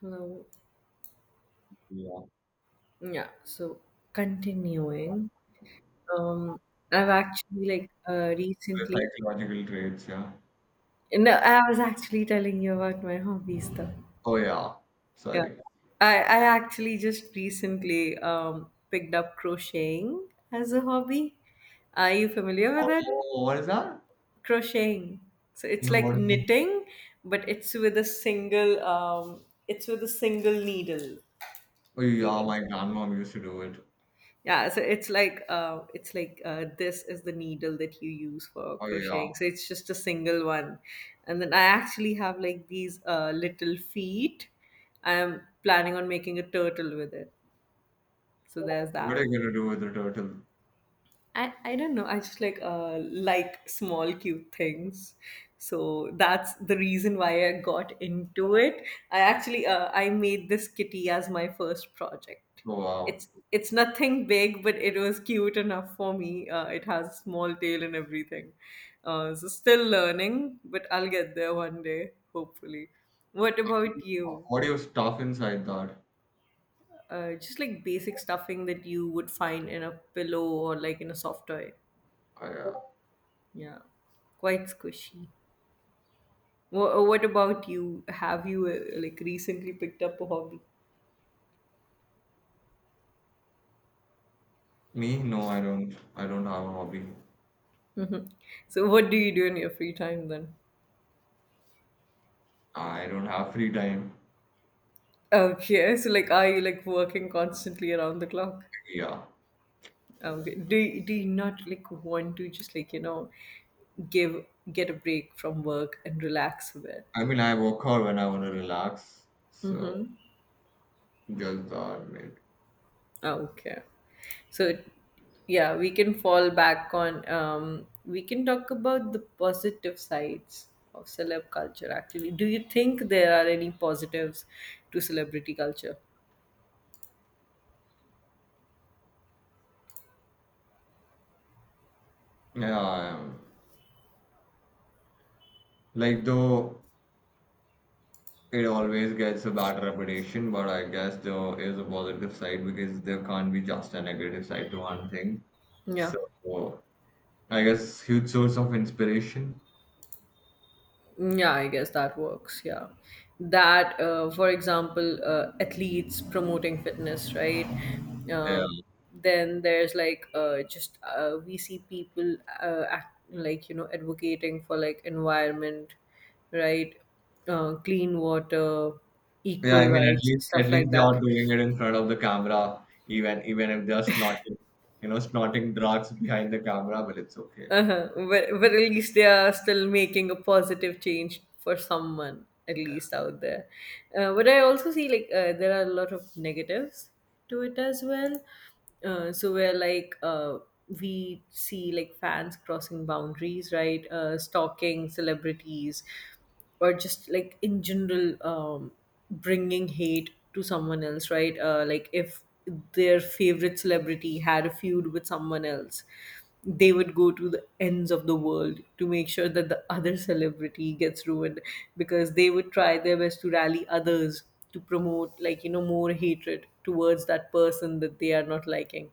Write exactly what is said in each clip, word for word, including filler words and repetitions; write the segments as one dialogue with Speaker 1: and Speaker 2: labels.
Speaker 1: Hello.
Speaker 2: Yeah,
Speaker 1: Yeah, so continuing, um, I've actually like uh, recently.
Speaker 2: psychological traits, yeah.
Speaker 1: No, I was actually telling you about my hobbies though.
Speaker 2: Oh, yeah.
Speaker 1: Yeah,
Speaker 2: Sorry.
Speaker 1: I I actually just recently um picked up crocheting as a hobby. Are you familiar with
Speaker 2: Oh,
Speaker 1: it?
Speaker 2: oh, what is that?
Speaker 1: Crocheting. So it's
Speaker 2: No,
Speaker 1: like
Speaker 2: what is it?
Speaker 1: knitting, but it's with a single um, it's with a single needle.
Speaker 2: Oh,
Speaker 1: You
Speaker 2: yeah,
Speaker 1: can
Speaker 2: my
Speaker 1: say.
Speaker 2: grandmom used to do it.
Speaker 1: Yeah, so it's like uh, it's like uh, this is the needle that you use for
Speaker 2: Oh, yeah.
Speaker 1: crocheting. So it's just a single one, and then I actually have like these uh, little feet. I'm planning on making a turtle with it. So there's
Speaker 2: What are
Speaker 1: that.
Speaker 2: you gonna do with the turtle?
Speaker 1: I, I don't know. I just like uh like small cute things. So that's the reason why I got into it. I actually uh, I made this kitty as my first project.
Speaker 2: Oh, wow.
Speaker 1: It's it's nothing big, but it was cute enough for me. Uh, it has a small tail and everything. Uh, so still learning, but I'll get there one day, hopefully. What about you?
Speaker 2: What do you stuff inside that?
Speaker 1: Uh, just like basic stuffing that you would find in a pillow or like in a soft toy.
Speaker 2: Oh, yeah.
Speaker 1: Yeah, quite squishy. Wha what about you? Have you uh, like recently picked up a hobby?
Speaker 2: Me? No, I don't. I don't have a hobby.
Speaker 1: Mhm. So what do you do in your free time then?
Speaker 2: I don't have free time.
Speaker 1: Okay, so like are you like working constantly around the clock?
Speaker 2: Yeah.
Speaker 1: Okay. Do you, do you not like want to just like you know give get a break from work and relax a bit?
Speaker 2: I mean, I work hard when I want to relax. So, just that, mate.
Speaker 1: Ah, okay. So, yeah, we can fall back on, um, we can talk about the positive sides of celeb culture, actually. Do you think there are any positives to celebrity culture?
Speaker 2: Yeah, I am. Like, though. It always gets a bad reputation, but I guess there is a positive side because there can't be just a negative side to one thing.
Speaker 1: Yeah.
Speaker 2: So I guess huge source of inspiration.
Speaker 1: Yeah, I guess that works. Yeah. That, uh, for example, uh, athletes promoting fitness, right? Um,
Speaker 2: Yeah.
Speaker 1: then there's like uh, just uh, we see people uh, act, like, you know, advocating for like environment, right? Uh, clean water,
Speaker 2: Yeah, I
Speaker 1: equal
Speaker 2: mean, at
Speaker 1: rights,
Speaker 2: least at
Speaker 1: stuff like
Speaker 2: least they
Speaker 1: that.
Speaker 2: are doing it in front of the camera, even even if they're snorting, you know, snorting drugs behind the camera, but it's okay.
Speaker 1: Uh-huh. But, but at least they are still making a positive change for someone, at least out there. Uh, but I also see like uh, there are a lot of negatives to it as well. Uh, so where like uh, we see like fans crossing boundaries, right? Uh, stalking celebrities, or just like in general um, bringing hate to someone else, right? Uh, like if their favorite celebrity had a feud with someone else, they would go to the ends of the world to make sure that the other celebrity gets ruined, because they would try their best to rally others to promote like you know more hatred towards that person that they are not liking.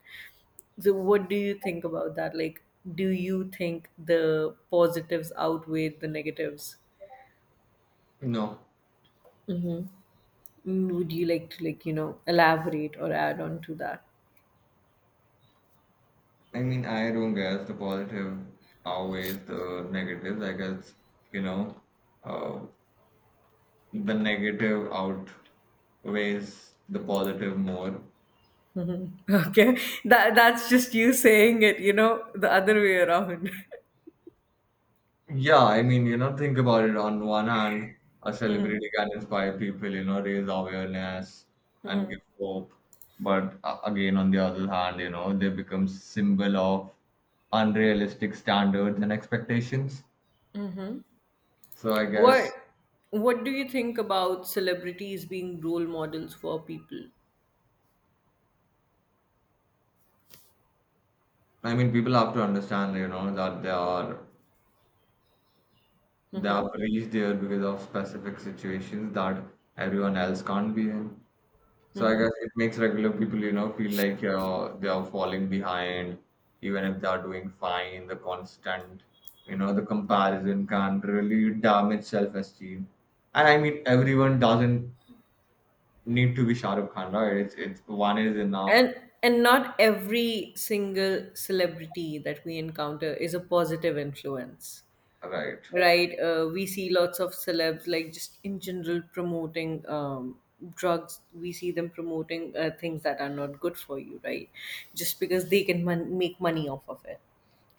Speaker 1: So what do you think about that? Like, do you think the positives outweigh the negatives?
Speaker 2: No.
Speaker 1: Mm-hmm. Mm, would you like to like you know elaborate or add on to that?
Speaker 2: I mean, I don't guess the positive outweighs the negatives. I guess, you know, uh, the negative out weighs the positive more.
Speaker 1: Mhm. Okay, that that's just you saying it, you know, the other way around.
Speaker 2: Yeah, I mean, you know, think about it. On one hand, a celebrity can inspire people, you know, raise awareness and give
Speaker 1: Mm.
Speaker 2: hope. But a- again, on the other hand, you know, they become symbol of unrealistic standards and expectations.
Speaker 1: Mm-hmm.
Speaker 2: So I
Speaker 1: What
Speaker 2: guess,
Speaker 1: What do you think about celebrities being role models for people?
Speaker 2: I mean, people have to understand, you know, that they are they have
Speaker 1: Mm-hmm.
Speaker 2: reached there because of specific situations that everyone else can't be in. So I guess it makes regular people, you know, feel like uh, they are falling behind, even if they are doing fine. The constant, you know, the comparison can really damage self-esteem. And I mean, everyone doesn't need to be Shah Rukh Khan, right? It's, it's one is enough,
Speaker 1: And and not every single celebrity that we encounter is a positive influence.
Speaker 2: right?
Speaker 1: Right? Uh, we see lots of celebs, like just in general, promoting um, drugs. We see them promoting uh, things that are not good for you, right? Just because they can mon- make money off of it.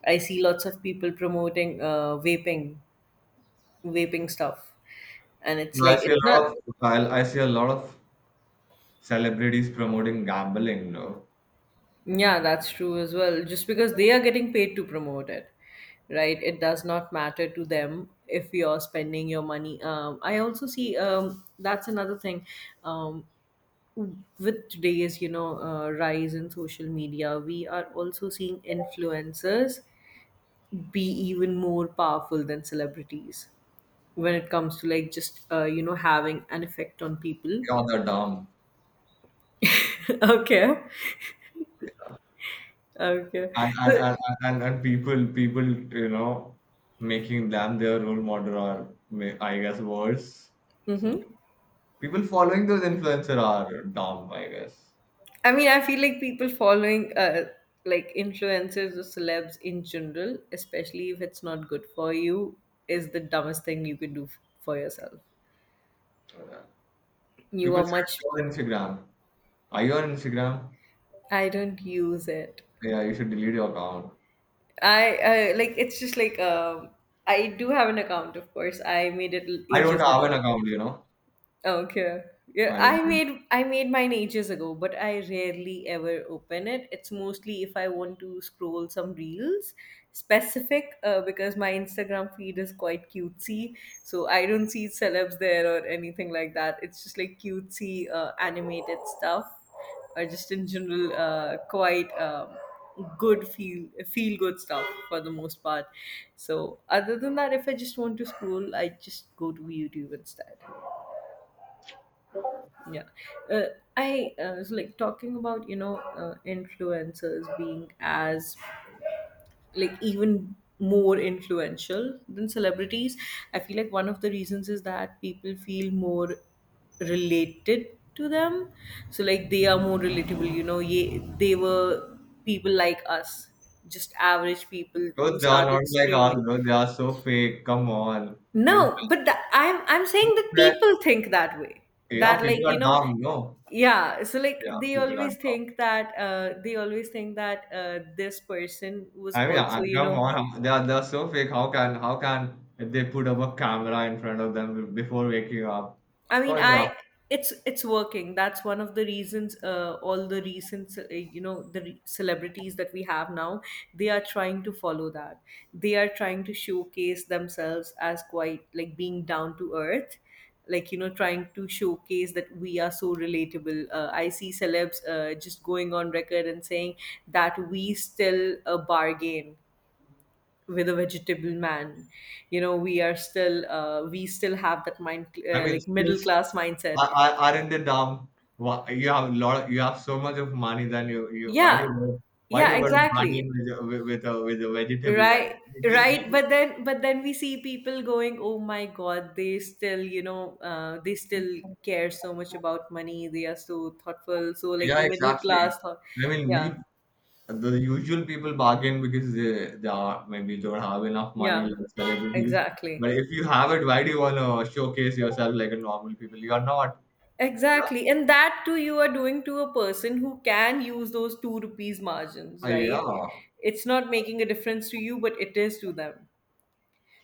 Speaker 1: I see lots of people promoting uh, vaping, vaping stuff. And it's
Speaker 2: So I
Speaker 1: like,
Speaker 2: see a
Speaker 1: it's not,
Speaker 2: lot of I, I see a lot of celebrities promoting gambling, you know,
Speaker 1: yeah, that's true as well. Just because they are getting paid to promote it, right? It does not matter to them if you're spending your money. Um, I also see um, that's another thing. Um, with today's you know uh, rise in social media, we are also seeing influencers be even more powerful than celebrities when it comes to like just uh, you know, having an effect on people.
Speaker 2: yeah, they're dumb.
Speaker 1: Okay. Okay,
Speaker 2: and and,
Speaker 1: so,
Speaker 2: and, and and people people you know making them their role model or ma- I guess worse, so
Speaker 1: hmm.
Speaker 2: people following those influencer are dumb I guess.
Speaker 1: I mean, I feel like people following uh, like influencers or celebs in general, especially if it's not good for you, is the dumbest thing you could do f- for yourself.
Speaker 2: Yeah.
Speaker 1: You
Speaker 2: People
Speaker 1: are
Speaker 2: should
Speaker 1: much—
Speaker 2: be on Instagram. Are you on Instagram?
Speaker 1: I don't use it.
Speaker 2: Yeah, you should delete your account.
Speaker 1: I uh, like it's just like um, I do have an account, of course. I made it l-
Speaker 2: I don't
Speaker 1: ages
Speaker 2: have an
Speaker 1: ago.
Speaker 2: account, you know.
Speaker 1: Okay. Yeah,
Speaker 2: I don't
Speaker 1: I
Speaker 2: know.
Speaker 1: made I made mine ages ago, but I rarely ever open it. It's mostly if I want to scroll some reels specific, uh, because my Instagram feed is quite cutesy, so I don't see celebs there or anything like that. It's just like cutesy uh, animated stuff, or just in general uh, quite um, good feel feel good stuff for the most part. So other than that, if I just want to scroll, I just go to YouTube instead. Yeah. Uh, I uh, was like talking about, you know, uh, influencers being as, like, even more influential than celebrities. I feel like one of the reasons is that people feel more related to them. So, like, they are more relatable, you know, ye- they were people like us, just average people
Speaker 2: Bro,
Speaker 1: who
Speaker 2: they are not
Speaker 1: started
Speaker 2: like us,
Speaker 1: streaming.
Speaker 2: bro, they are so fake, come on. Influ-
Speaker 1: No, but tha I'm I'm saying that people think that way.
Speaker 2: yeah,
Speaker 1: That
Speaker 2: people
Speaker 1: like,
Speaker 2: are
Speaker 1: you know,
Speaker 2: dumb. No,
Speaker 1: yeah, so like
Speaker 2: yeah,
Speaker 1: they
Speaker 2: people are
Speaker 1: always
Speaker 2: dumb.
Speaker 1: think that uh they always think that uh this person was
Speaker 2: I mean,
Speaker 1: also,
Speaker 2: uh,
Speaker 1: you
Speaker 2: come
Speaker 1: know,
Speaker 2: on, they are they're so fake. How can how can they put up a camera in front of them be- before waking up?
Speaker 1: I
Speaker 2: Of
Speaker 1: mean,
Speaker 2: course, uh,
Speaker 1: I— it's it's working. That's one of the reasons. Uh, all the recent, uh, you know, the re- celebrities that we have now, they are trying to follow that. They are trying to showcase themselves as quite like being down to earth, like you know, trying to showcase that we are so relatable. Uh, I see celebs uh, just going on record and saying that we still a bargain with a vegetable man, you know, we are still uh, we still have that mind
Speaker 2: I
Speaker 1: uh,
Speaker 2: mean,
Speaker 1: like middle
Speaker 2: skills
Speaker 1: class mindset.
Speaker 2: are, are, aren't they dumb? Wha- You have a lot. Of, you have so much of money. Then you, you why do
Speaker 1: Yeah,
Speaker 2: you go, why do
Speaker 1: yeah,
Speaker 2: you go to party
Speaker 1: exactly.
Speaker 2: with a- with a with a vegetable vendor?
Speaker 1: Right.
Speaker 2: They just give.
Speaker 1: Right, but then but then we see people going, oh my god, they still you know uh, they still care so much about money, they are so thoughtful, so like
Speaker 2: Yeah,
Speaker 1: middle
Speaker 2: exactly.
Speaker 1: class thought.
Speaker 2: I mean,
Speaker 1: Yeah.
Speaker 2: we the usual people bargain because they, they are maybe don't have enough
Speaker 1: Yeah,
Speaker 2: money like celebrities.
Speaker 1: exactly.
Speaker 2: But if you have it, why do you want to showcase yourself like a normal people? You are not. Yeah,
Speaker 1: Exactly. And that too, you are doing to a person who can use those two rupees
Speaker 2: uh,
Speaker 1: margins, right?
Speaker 2: yeah,
Speaker 1: It's not making a difference to you, but it is to them.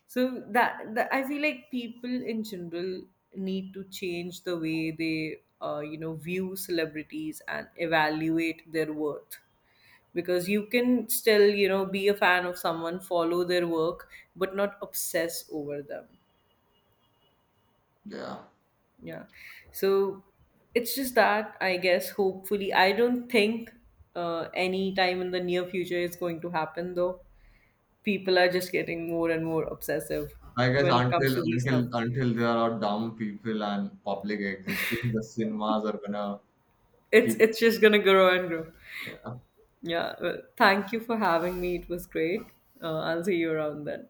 Speaker 1: So that, that I feel like people in general need to change the way they, uh, you know, view celebrities and evaluate their worth. Because you can still, you know, be a fan of someone, follow their work, but not obsess over them.
Speaker 2: yeah.
Speaker 1: Yeah. So it's just that I guess hopefully I don't think uh, any time in the near future is going to happen though. People are just getting more and more obsessive
Speaker 2: I guess
Speaker 1: when it comes
Speaker 2: until
Speaker 1: to these
Speaker 2: until
Speaker 1: thumbs.
Speaker 2: until there are dumb people and public existing, the cinemas are gonna
Speaker 1: It's
Speaker 2: keep.
Speaker 1: it's just gonna grow and grow. Yeah. Well, thank you for having me. It was great. Uh, I'll see you around then.